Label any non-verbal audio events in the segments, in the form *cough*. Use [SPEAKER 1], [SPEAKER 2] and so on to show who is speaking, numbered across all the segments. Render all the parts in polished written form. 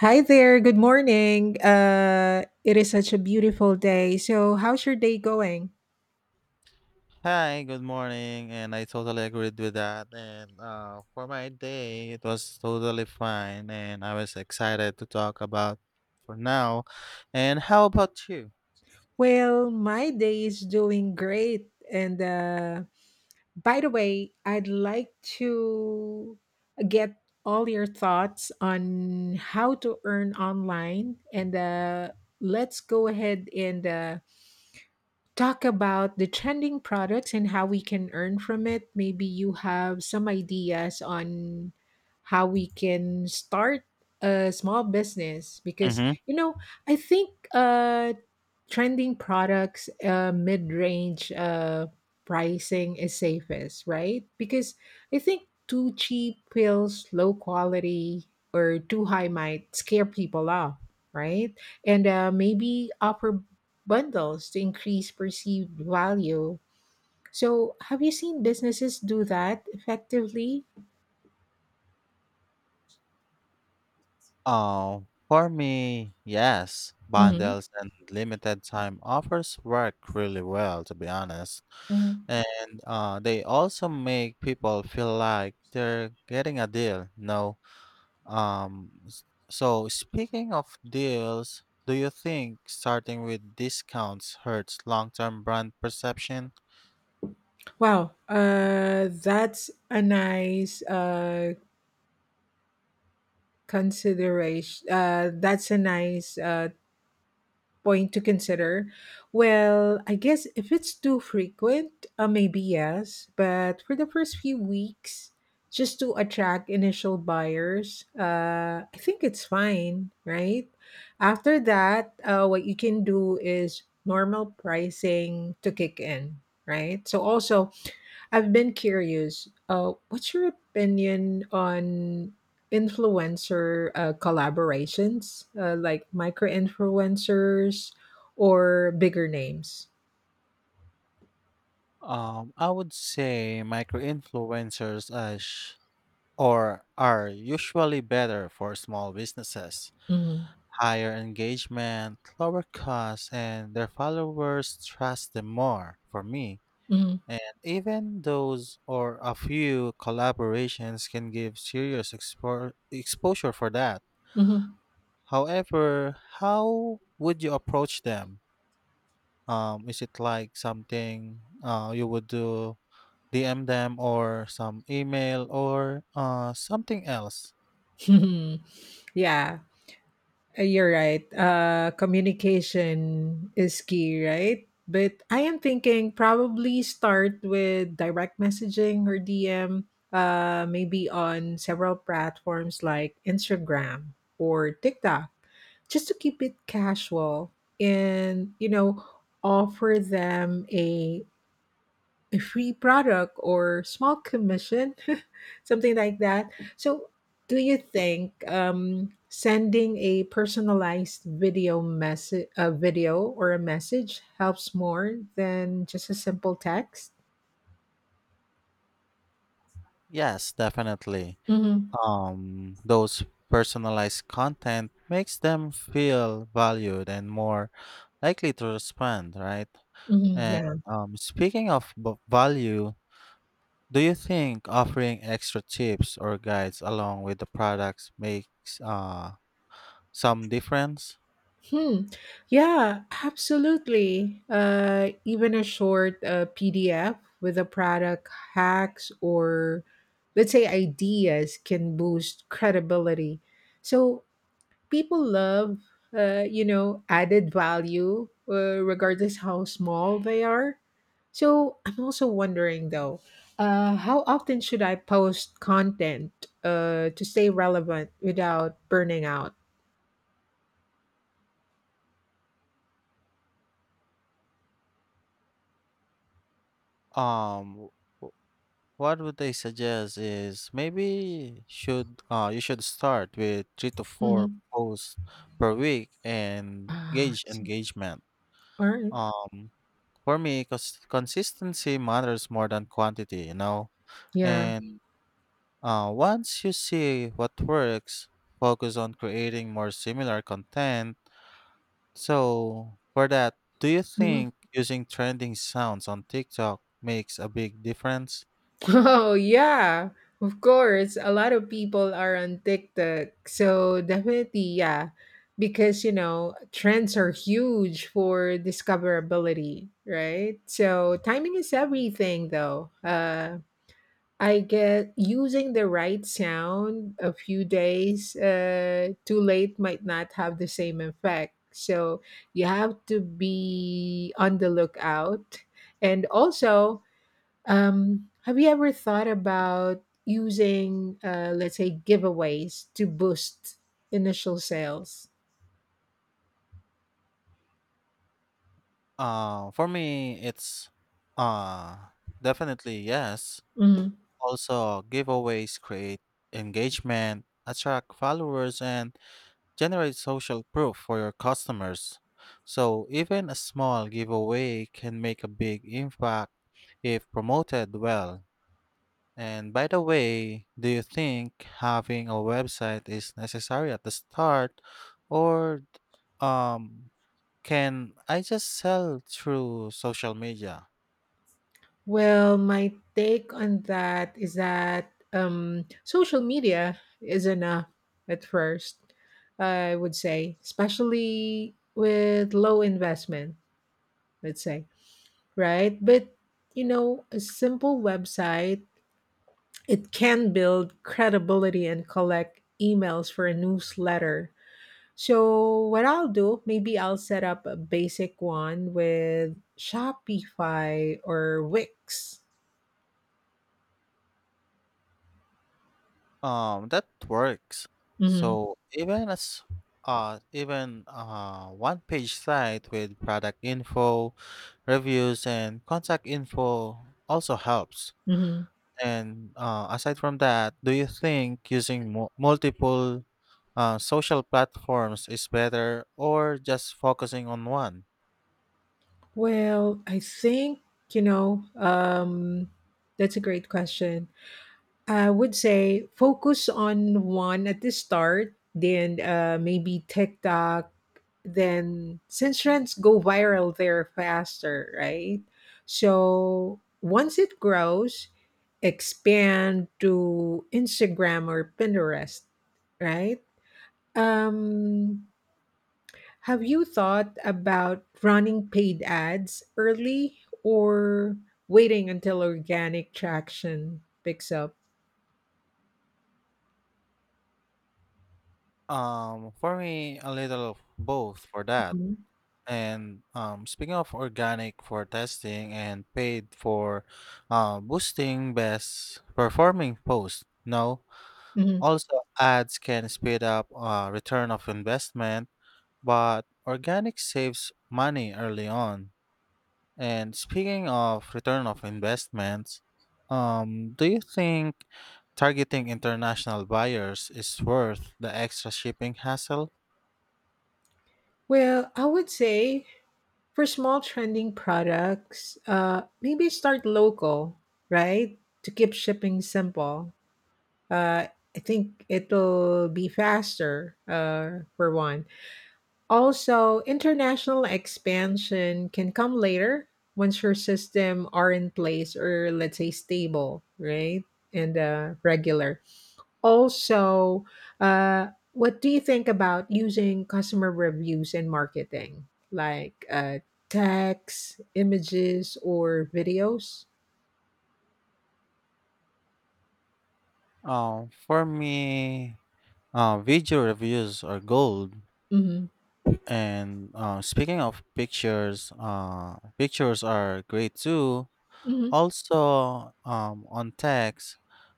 [SPEAKER 1] Hi there, good morning. It is such a beautiful day. So, how's your day going?
[SPEAKER 2] Hi, good morning, and I totally agreed with that. And for my day, it was totally fine, and I was excited to talk about for now. And how about you?
[SPEAKER 1] Well, my day is doing great. And by the way, I'd like to get all your thoughts on how to earn online. And let's go ahead and talk about the trending products and how we can earn from it. Maybe you have some ideas on how we can start a small business because
[SPEAKER 2] Mm-hmm.
[SPEAKER 1] you know I think trending products, mid-range pricing is safest, right? Because I think too cheap pills, low quality, or too high might scare people off, right? And maybe offer bundles to increase perceived value. So, have you seen businesses do that effectively?
[SPEAKER 2] Oh, for me, yes,
[SPEAKER 1] Hmm.
[SPEAKER 2] bundles and limited time offers work really well, to be honest.
[SPEAKER 1] Mhm.
[SPEAKER 2] And they also make people feel like they're getting a deal, no? Um, s- so speaking of deals, do you think starting with discounts hurts long-term brand perception?
[SPEAKER 1] Wow, that's a nice consideration. That's a nice point to consider. Well, I guess if it's too frequent, maybe yes, but for the first few weeks, just to attract initial buyers, I think it's fine, right? After that, what you can do is normal pricing to kick in, right? So also, I've been curious. What's your opinion on influencer collaborations, like micro influencers or bigger names?
[SPEAKER 2] I would say micro-influencers are sh- or are usually better for small businesses.
[SPEAKER 1] Hmm.
[SPEAKER 2] Higher engagement, lower costs, and their followers trust them more for me.
[SPEAKER 1] Hmm.
[SPEAKER 2] And even those or a few collaborations can give serious exposure for that.
[SPEAKER 1] Hmm.
[SPEAKER 2] However, how would you approach them? Is it like something you would do DM them or some email or something else?
[SPEAKER 1] *laughs* Yeah. You're right. Communication is key, right? But I am thinking probably start with direct messaging or DM, maybe on several platforms like Instagram or TikTok, just to keep it casual and, you know, offer them a free product or small commission, *laughs* something like that. So, do you think sending a personalized video message, a video or a message, helps more than just a simple text?
[SPEAKER 2] Yes, definitely.
[SPEAKER 1] Mm-hmm.
[SPEAKER 2] Those personalized content makes them feel valued and more likely to respond, right?
[SPEAKER 1] Mm-hmm,
[SPEAKER 2] And
[SPEAKER 1] yeah.
[SPEAKER 2] speaking of value, do you think offering extra tips or guides along with the products makes uh some difference.
[SPEAKER 1] Hmm. Yeah, absolutely. Even a short PDF with a product hacks or let's say ideas can boost credibility. So people love you know added value regardless how small they are. So I'm also wondering though, how often should I post content, to stay relevant without burning out
[SPEAKER 2] Um, w- what would they suggest is maybe should you should start with three to
[SPEAKER 1] hmm
[SPEAKER 2] four posts per week and
[SPEAKER 1] ah I
[SPEAKER 2] gauge
[SPEAKER 1] see.
[SPEAKER 2] engagement.
[SPEAKER 1] All right.
[SPEAKER 2] Um, for me, cause consistency matters more than quantity, you know.
[SPEAKER 1] Yeah.
[SPEAKER 2] And once you see what works, focus on creating more similar content. So, for that, do you
[SPEAKER 1] Mhm.
[SPEAKER 2] think using trending sounds on TikTok makes a big difference?
[SPEAKER 1] *laughs* Oh, yeah, of course. A lot of people are on TikTok. So, definitely, yeah, because, you know, trends are huge for discoverability, right? So, timing is everything, though. I get using the right sound a few days too late might not have the same effect. So, you have to be on the lookout. And also, have you ever thought about using, let's say, giveaways to boost initial sales?
[SPEAKER 2] For me, it's uh, Definitely yes.
[SPEAKER 1] Mhm.
[SPEAKER 2] Also, giveaways create engagement, attract followers, and generate social proof for your customers. So, even a small giveaway can make a big impact if promoted well. And by the way, do you think having a website is necessary at the start or um can I just sell through social media?
[SPEAKER 1] Well, my take on that is that social media is enough at first, I would say, especially with low investment, let's say, right? But, you know, a simple website, it can build credibility and collect emails for a newsletter. So what I'll do, maybe I'll set up a basic one with Shopify or Wix.
[SPEAKER 2] That works.
[SPEAKER 1] Mm-hmm.
[SPEAKER 2] So even one page site with product info, reviews and contact info also helps.
[SPEAKER 1] Mm-hmm.
[SPEAKER 2] And aside from that, do you think using multiple social platforms is better or just focusing on one?
[SPEAKER 1] Well, I think, you know, that's a great question. I would say focus on one at the start, then maybe TikTok, then since trends go viral there faster, right? So once it grows, expand to Instagram or Pinterest, right? Um, have you thought about running paid ads early or waiting until organic traction picks up?
[SPEAKER 2] For me, a little of both for that.
[SPEAKER 1] Mhm.
[SPEAKER 2] And speaking of organic for testing and paid for boosting best performing posts, no.
[SPEAKER 1] Mhm.
[SPEAKER 2] Also, ads can speed up return of investment, but organic saves money early on. And speaking of return of investments, do you think targeting international buyers is worth the extra shipping hassle.
[SPEAKER 1] Well, I would say for small trending products, maybe start local, right? To keep shipping simple. Uh, I think it'll be faster, for one. Also, international expansion can come later once your system are in place or let's say stable, right? And regular. Also, uh, what do you think about using customer reviews in marketing, like text, images, or videos?
[SPEAKER 2] Um, for me, Video reviews are gold.
[SPEAKER 1] Hmm.
[SPEAKER 2] And speaking of pictures, pictures are great too.
[SPEAKER 1] Hmm.
[SPEAKER 2] Also, on text,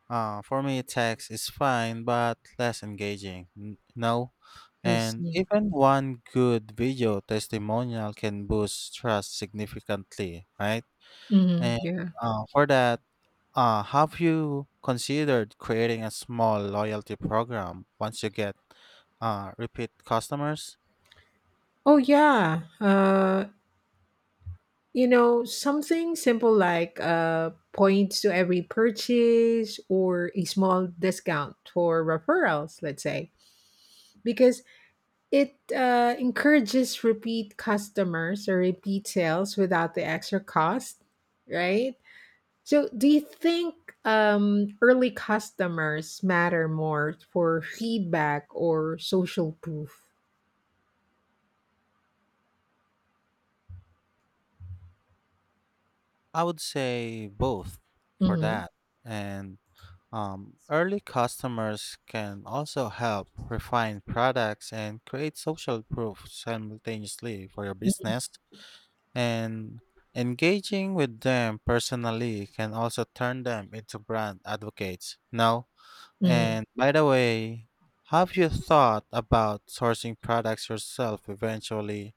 [SPEAKER 2] for me, text is fine but less engaging. N- No,
[SPEAKER 1] I
[SPEAKER 2] And
[SPEAKER 1] see.
[SPEAKER 2] even one good video testimonial can boost trust significantly, right?
[SPEAKER 1] Hmm.
[SPEAKER 2] And
[SPEAKER 1] Yeah.
[SPEAKER 2] for that, have you considered creating a small loyalty program once you get repeat customers?
[SPEAKER 1] Oh, yeah. You know, something simple like points to every purchase or a small discount for referrals, let's say. Because it encourages repeat customers or repeat sales without the extra cost, right? So, do you think early customers matter more for feedback or social proof?
[SPEAKER 2] I would say both for
[SPEAKER 1] Hmm.
[SPEAKER 2] that. And early customers can also help refine products and create social proof simultaneously for your business. And engaging with them personally can also turn them into brand advocates now.
[SPEAKER 1] Mm.
[SPEAKER 2] And by the way, have you thought about sourcing products yourself eventually,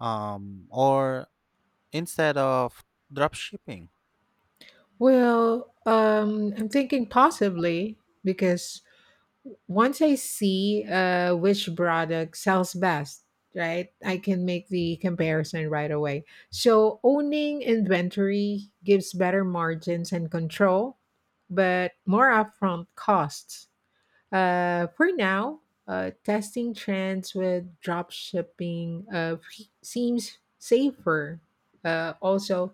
[SPEAKER 2] or instead of drop shipping?
[SPEAKER 1] Well, I'm thinking possibly because once I see which product sells best, right, I can make the comparison right away. So owning inventory gives better margins and control, but more upfront costs. For now, testing trends with drop shipping seems safer. Also,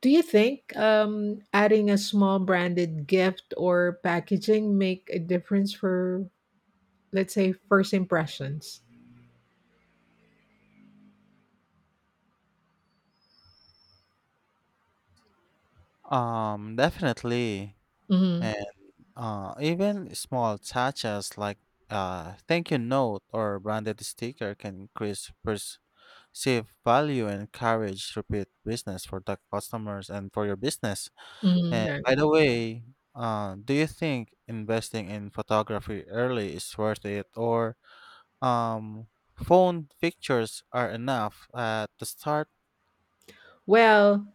[SPEAKER 1] do you think adding a small branded gift or packaging make a difference for let's say first impressions.
[SPEAKER 2] Definitely.
[SPEAKER 1] Hmm.
[SPEAKER 2] And even small touches like a thank you note or branded sticker can increase perceived value and encourage repeat business for the customers and for your business. And by
[SPEAKER 1] Hmm.
[SPEAKER 2] the way, do you think investing in photography early is worth it, or um, phone pictures are enough at the start?
[SPEAKER 1] Well,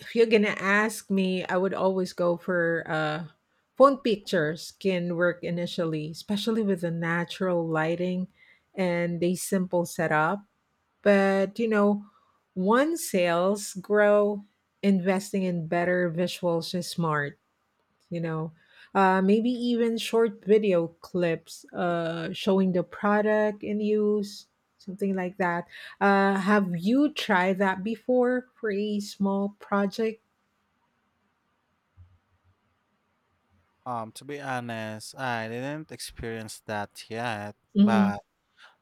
[SPEAKER 1] if you're gonna ask me, I would always go for phone pictures can work initially, especially with the natural lighting and the simple setup. But you know, once sales grow, investing in better visuals is smart. You know, maybe even short video clips showing the product in use, something like that. Have you tried that before for a small project?
[SPEAKER 2] To be honest, I didn't experience that yet, but
[SPEAKER 1] Hmm.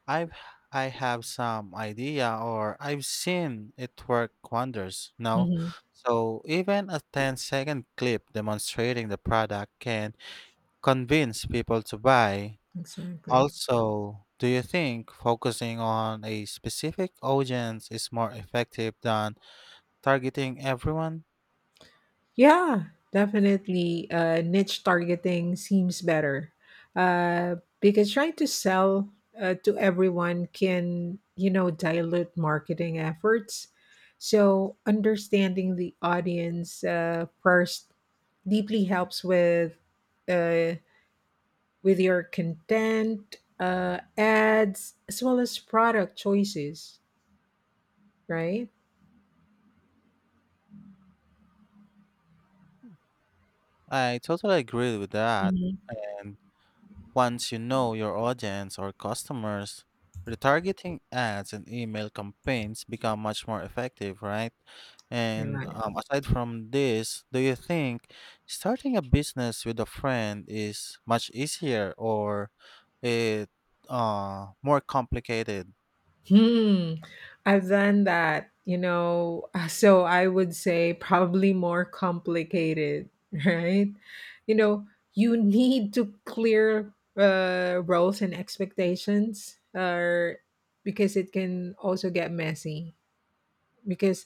[SPEAKER 2] I've I have some idea, or I've seen it work wonders. No,
[SPEAKER 1] Hmm.
[SPEAKER 2] so even a ten-second clip demonstrating the product can convince people to buy.
[SPEAKER 1] Exactly.
[SPEAKER 2] Also, do you think focusing on a specific audience is more effective than targeting everyone?
[SPEAKER 1] Yeah, definitely. Niche targeting seems better because trying to sell to everyone can, you know, dilute marketing efforts. So understanding the audience first deeply helps with, uh, with your content, ads, as well as product choices, right?
[SPEAKER 2] I totally agree with that.
[SPEAKER 1] Mhm.
[SPEAKER 2] And once you know your audience or customers, retargeting ads and email campaigns become much more effective, right? And
[SPEAKER 1] Right.
[SPEAKER 2] aside from this, do you think starting a business with a friend is much easier or it more complicated?
[SPEAKER 1] Hmm. I've done that, you know. So I would say probably more complicated, *laughs* right? You know, you need to clear roles and expectations, or because it can also get messy. Because,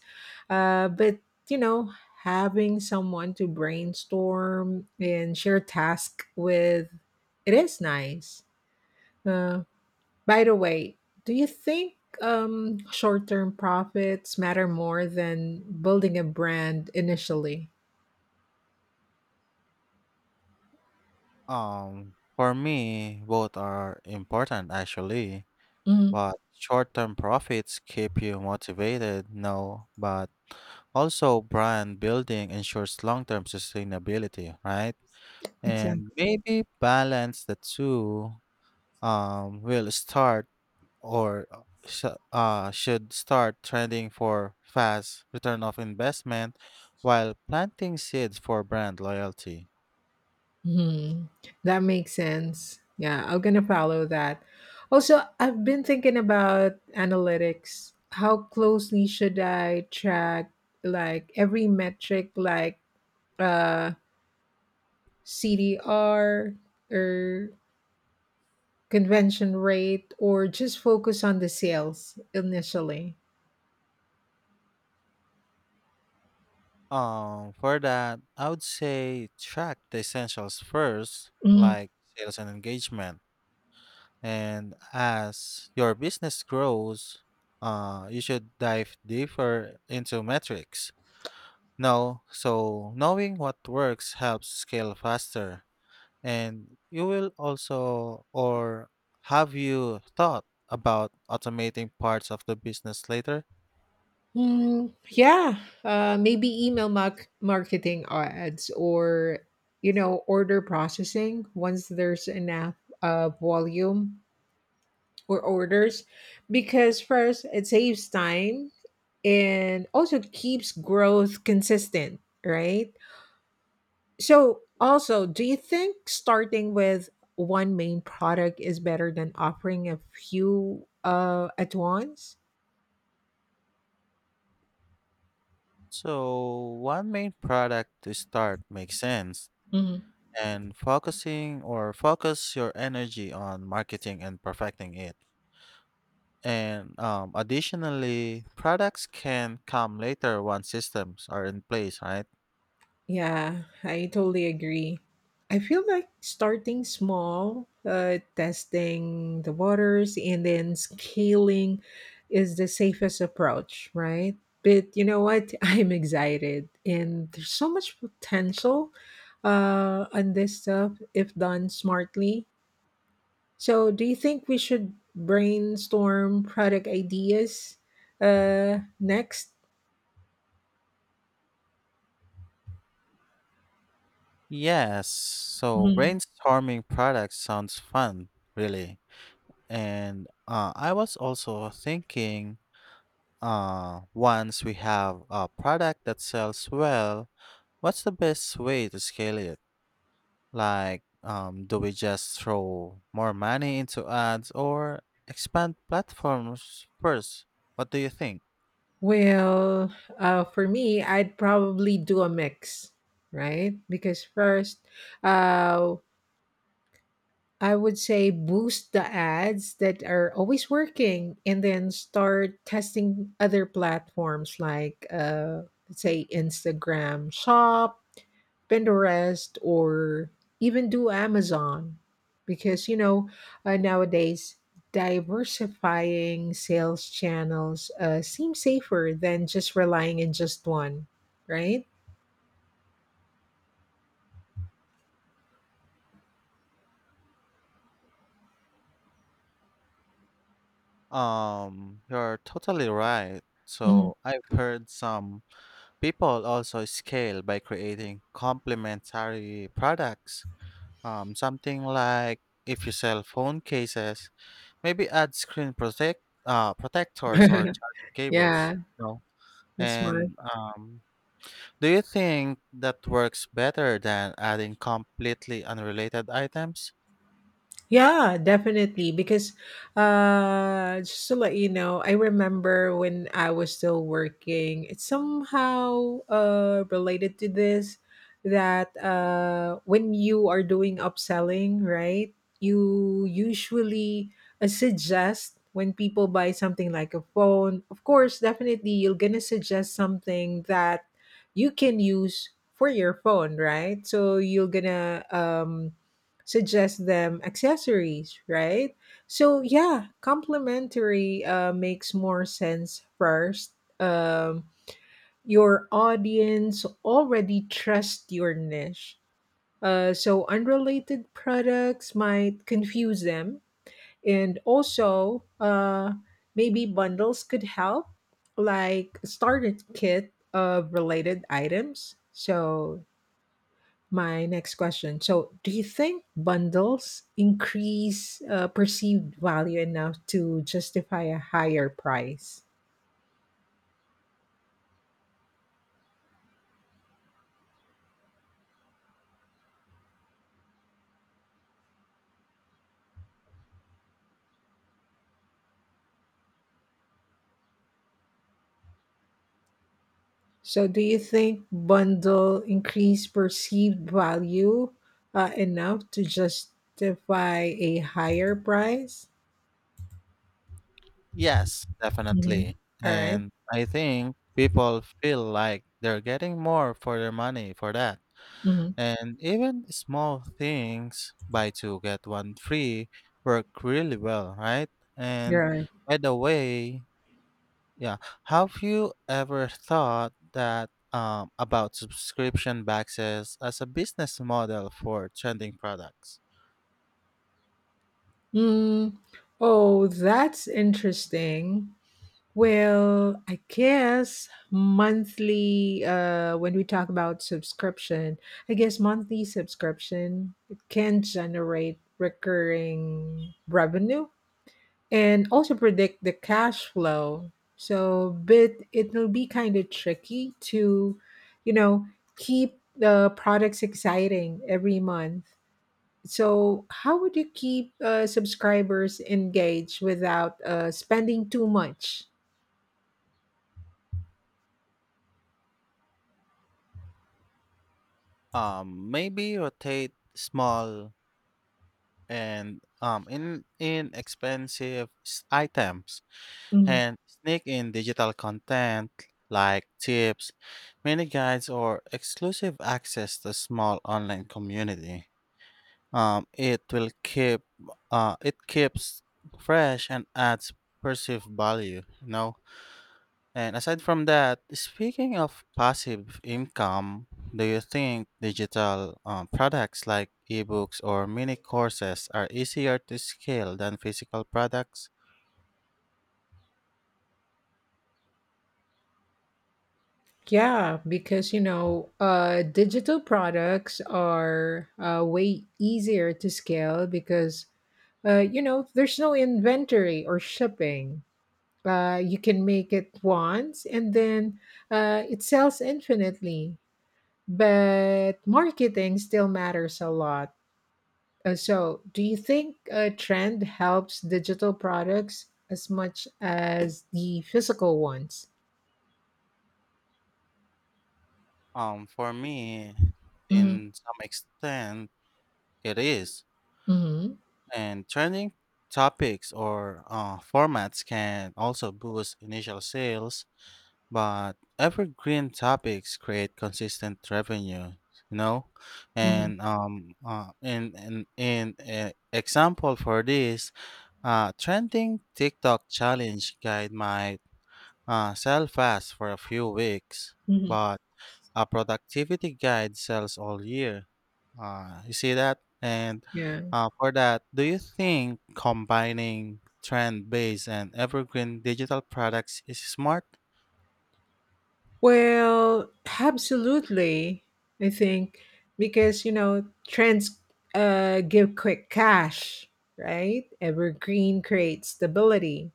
[SPEAKER 1] but you know, having someone to brainstorm and share task with, it is nice. Uh. By the way, do you think short term profits matter more than building a brand initially?
[SPEAKER 2] For me, both are important actually,
[SPEAKER 1] Mm,
[SPEAKER 2] but short-term profits keep you motivated, no, but also brand building ensures long-term sustainability, right? And
[SPEAKER 1] exactly.
[SPEAKER 2] maybe balance the two will start or sh- should start trending for fast return of investment while planting seeds for brand loyalty.
[SPEAKER 1] Mhm. That makes sense. Yeah, I'm going to follow that. Also, I've been thinking about analytics. How closely should I track like every metric like uh, CDR or convention rate or just focus on the sales initially?
[SPEAKER 2] For that, I would say track the essentials first, like sales and engagement. And as your business grows, you should dive deeper into metrics. No, so knowing what works helps scale faster. And you will also, or have you thought about automating parts of the business later?
[SPEAKER 1] Mm, yeah, maybe email marketing ads or you know order processing once there's enough volume or orders, because first it saves time and also keeps growth consistent, right? So also, do you think starting with one main product is better than offering a few at once?
[SPEAKER 2] So one main product to start makes sense and focusing or focus your energy on marketing and perfecting it. And additionally, products can come later once systems are in place, right?
[SPEAKER 1] Yeah, I totally agree. I feel like starting small, testing the waters, and then scaling is the safest approach, right? But you know what? *laughs* I'm excited, and there's so much potential on this stuff if done smartly. So, do you think we should brainstorm product ideas next?
[SPEAKER 2] Yes. So
[SPEAKER 1] Mm-hmm.
[SPEAKER 2] brainstorming products sounds fun, really. And I was also thinking, once we have a product that sells well, what's the best way to scale it? Like, do we just throw more money into ads or expand platforms first? What do you think?
[SPEAKER 1] Well, for me, I'd probably do a mix, right? Because first, uh, I would say boost the ads that are always working and then start testing other platforms like, let's say, Instagram Shop, Pinterest, or even do Amazon because you know, nowadays diversifying sales channels seems safer than just relying in just one, right?
[SPEAKER 2] You're totally right.
[SPEAKER 1] Mm.
[SPEAKER 2] So I've heard some people also scale by creating complementary products. Something like if you sell phone cases, maybe add screen protectors or
[SPEAKER 1] *laughs*
[SPEAKER 2] charging cables.
[SPEAKER 1] Yeah,
[SPEAKER 2] No.
[SPEAKER 1] that's smart.
[SPEAKER 2] And do you think that works better than adding completely unrelated items?
[SPEAKER 1] Yeah, definitely. Because, just to let you know, I remember when I was still working, it's somehow related to this, that when you are doing upselling, right, you usually suggest when people buy something like a phone, of course, definitely you're going to suggest something that you can use for your phone, right? So you're going to. Suggest them accessories, right? So yeah, complimentary makes more sense first. Um, your audience already trust your niche, so unrelated products might confuse them, and also maybe bundles could help, like starter kit of related items. So my next question. So, do you think bundles increase perceived value enough to justify a higher price? So, do you think bundle increase perceived value enough to justify a higher price?
[SPEAKER 2] Yes,
[SPEAKER 1] Mhm.
[SPEAKER 2] definitely.
[SPEAKER 1] All right.
[SPEAKER 2] And I think people feel like they're getting more for their money for that.
[SPEAKER 1] Mm-hmm.
[SPEAKER 2] And even small things, buy two, get one free, work really well, right?
[SPEAKER 1] You're
[SPEAKER 2] And
[SPEAKER 1] right.
[SPEAKER 2] by the way, yeah, have you ever thought that about subscription boxes as a business model for trending products?
[SPEAKER 1] Mm. Oh, that's interesting. Well, I guess monthly, when we talk about subscription, I guess monthly subscription it can generate recurring revenue and also predict the cash flow. So, but it'll be kind of tricky to, you know, keep the products exciting every month. So, how would you keep subscribers engaged without spending too much?
[SPEAKER 2] Maybe rotate small and in inexpensive items
[SPEAKER 1] Mm-hmm.
[SPEAKER 2] and sneak in digital content like tips, mini guides, or exclusive access to small online community. Um, it will keep it keeps fresh and adds perceived value. You know. And aside from that, speaking of passive income, do you think digital products like ebooks or mini courses are easier to scale than physical products?
[SPEAKER 1] Yeah, because you know, digital products are way easier to scale because you know there's no inventory or shipping. You can make it once and then it sells infinitely. But marketing still matters a lot. So, do you think a trend helps digital products as much as the physical ones?
[SPEAKER 2] For me,
[SPEAKER 1] Mm-hmm.
[SPEAKER 2] in some extent, it is.
[SPEAKER 1] Mm-hmm.
[SPEAKER 2] And trending topics or formats can also boost initial sales. But evergreen topics create consistent revenue, you know? And in example for this, trending TikTok challenge guide might sell fast for a few weeks,
[SPEAKER 1] Mm-hmm.
[SPEAKER 2] but a productivity guide sells all year. You see that? And
[SPEAKER 1] Yeah.
[SPEAKER 2] for that, do you think combining trend based and evergreen digital products is smart?
[SPEAKER 1] Well, absolutely. I think because you know trends give quick cash, right? Evergreen creates stability,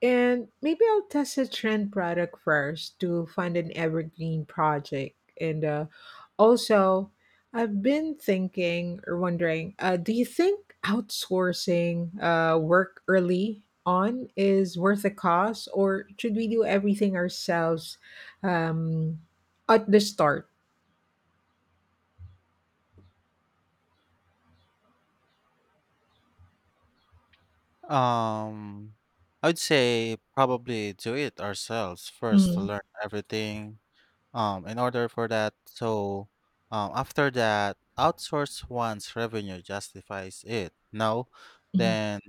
[SPEAKER 1] and maybe I'll test a trend product first to find an evergreen project. And also, I've been thinking or wondering, do you think outsourcing work early on is worth the cost, or should we do everything ourselves um, at the start?
[SPEAKER 2] Um, I would say probably do it ourselves first to
[SPEAKER 1] Mhm.
[SPEAKER 2] learn everything. In order for that, so after that, outsource once revenue justifies it. No, then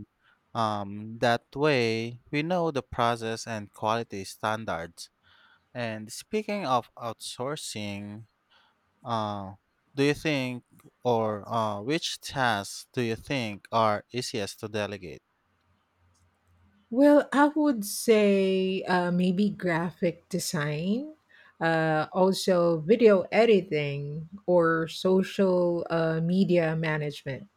[SPEAKER 2] that way we know the process and quality standards. And speaking of outsourcing, uh, do you think or which tasks do you think are easiest to delegate?
[SPEAKER 1] Well, I would say maybe graphic design, also video editing or social media management.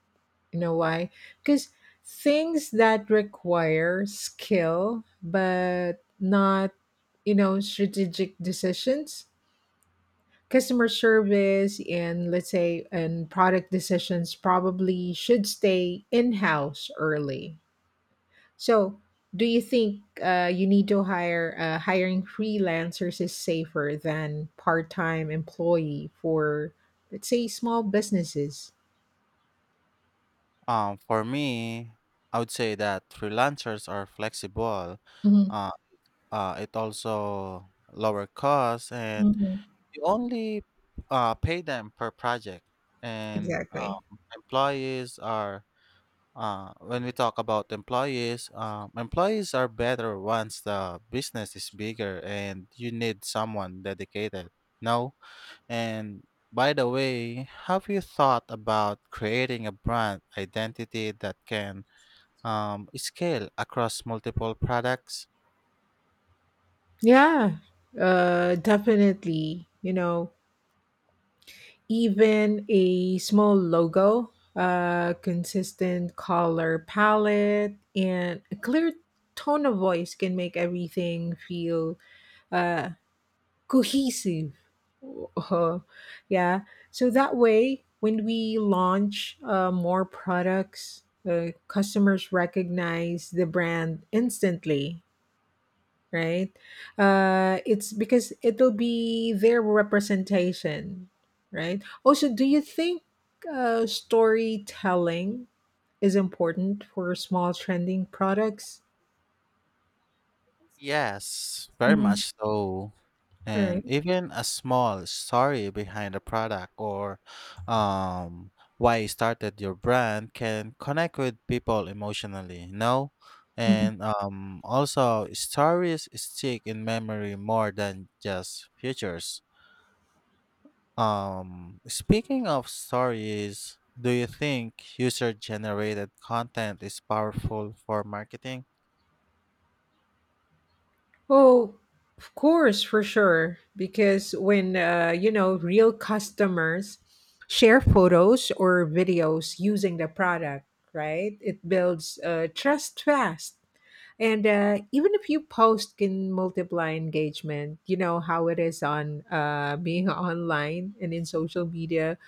[SPEAKER 1] You know why? Because things that require skill but not, you know, strategic decisions, customer service, and let's say, and product decisions probably should stay in house early. So, do you think you need to hire hiring freelancers is safer than part time employee for, let's say, small businesses?
[SPEAKER 2] For me, I would say that freelancers are flexible.
[SPEAKER 1] Hmm.
[SPEAKER 2] Uh, it also lower costs, and
[SPEAKER 1] Hmm.
[SPEAKER 2] you only pay them per project. And
[SPEAKER 1] Exactly.
[SPEAKER 2] employees are when we talk about employees, employees are better once the business is bigger and you need someone dedicated. No, and by the way, have you thought about creating a brand identity that can scale across multiple products?
[SPEAKER 1] Yeah, definitely. You know, even a small logo, a consistent color palette, and a clear tone of voice can make everything feel uh, cohesive. Uh, yeah. So that way, when we launch more products, customers recognize the brand instantly, right? It's because it'll be their representation, right? Also, do you think storytelling is important for small trending products?
[SPEAKER 2] Yes, very
[SPEAKER 1] Mhm.
[SPEAKER 2] much so.
[SPEAKER 1] All
[SPEAKER 2] And
[SPEAKER 1] right.
[SPEAKER 2] even a small story behind a product or um, why you started your brand can connect with people emotionally, you know? And also, stories stick in memory more than just features. Speaking of stories, do you think user generated content is powerful for marketing?
[SPEAKER 1] Oh, of course, for sure. Because when, you know, real customers share photos or videos using the product, right? It builds trust fast. And even if you post can multiply engagement, you know how it is on being *laughs* online and in social media.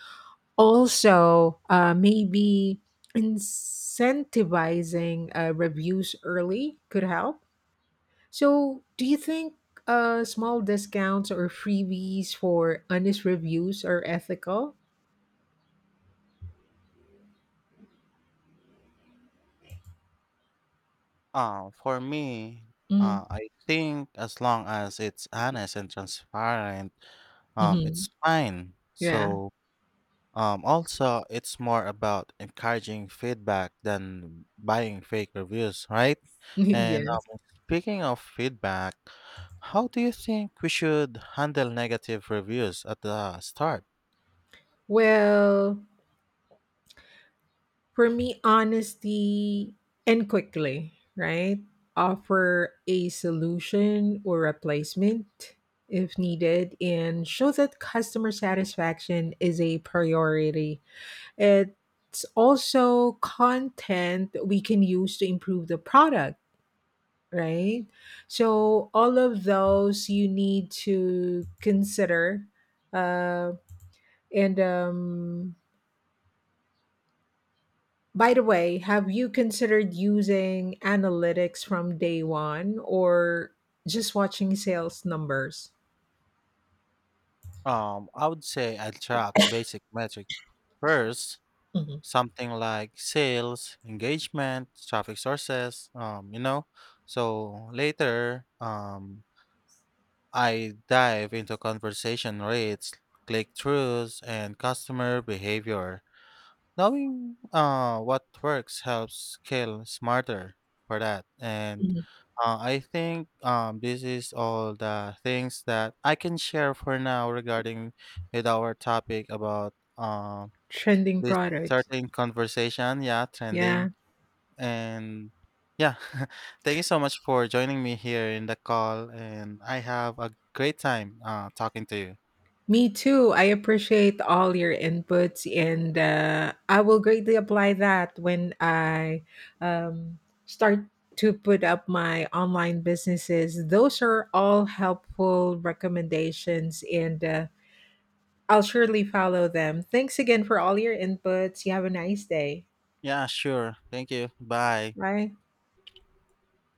[SPEAKER 1] Also, maybe incentivizing reviews early could help, so do you think small discounts or freebies for honest reviews are ethical?
[SPEAKER 2] Uh, for me,
[SPEAKER 1] Mm-hmm.
[SPEAKER 2] I think as long as it's honest and transparent,
[SPEAKER 1] Hmm.
[SPEAKER 2] it's fine.
[SPEAKER 1] Yeah.
[SPEAKER 2] So, also, it's more about encouraging feedback than buying fake reviews, right?
[SPEAKER 1] *laughs*
[SPEAKER 2] And
[SPEAKER 1] Yes.
[SPEAKER 2] speaking of feedback, how do you think we should handle negative reviews at the start?
[SPEAKER 1] Well, for me, honesty and quickly, right? Offer a solution or replacement if needed and show that customer satisfaction is a priority. It's also content we can use to improve the product, right? So all of those you need to consider. Uh, and By the way, have you considered using analytics from day one or just watching sales numbers?
[SPEAKER 2] I would say I track basic metrics first,
[SPEAKER 1] Mhm.
[SPEAKER 2] something like sales, engagement, traffic sources, you know. So later, I dive into conversion rates, click throughs, and customer behavior. Knowing what works helps scale smarter for that. And
[SPEAKER 1] Mhm.
[SPEAKER 2] I think this is all the things that I can share for now regarding with our topic about
[SPEAKER 1] Trending
[SPEAKER 2] this
[SPEAKER 1] products.
[SPEAKER 2] certain conversation. Yeah,
[SPEAKER 1] Yeah.
[SPEAKER 2] trending. And yeah, *laughs* thank you so much for joining me here in the call. And I have a great time talking to you.
[SPEAKER 1] Me too. I appreciate all your inputs, and I will greatly apply that when I um, start to put up my online businesses. Those are all helpful recommendations, and I'll surely follow them. Thanks again for all your inputs. You have a nice day.
[SPEAKER 2] Yeah, sure. Thank you. Bye.
[SPEAKER 1] Bye.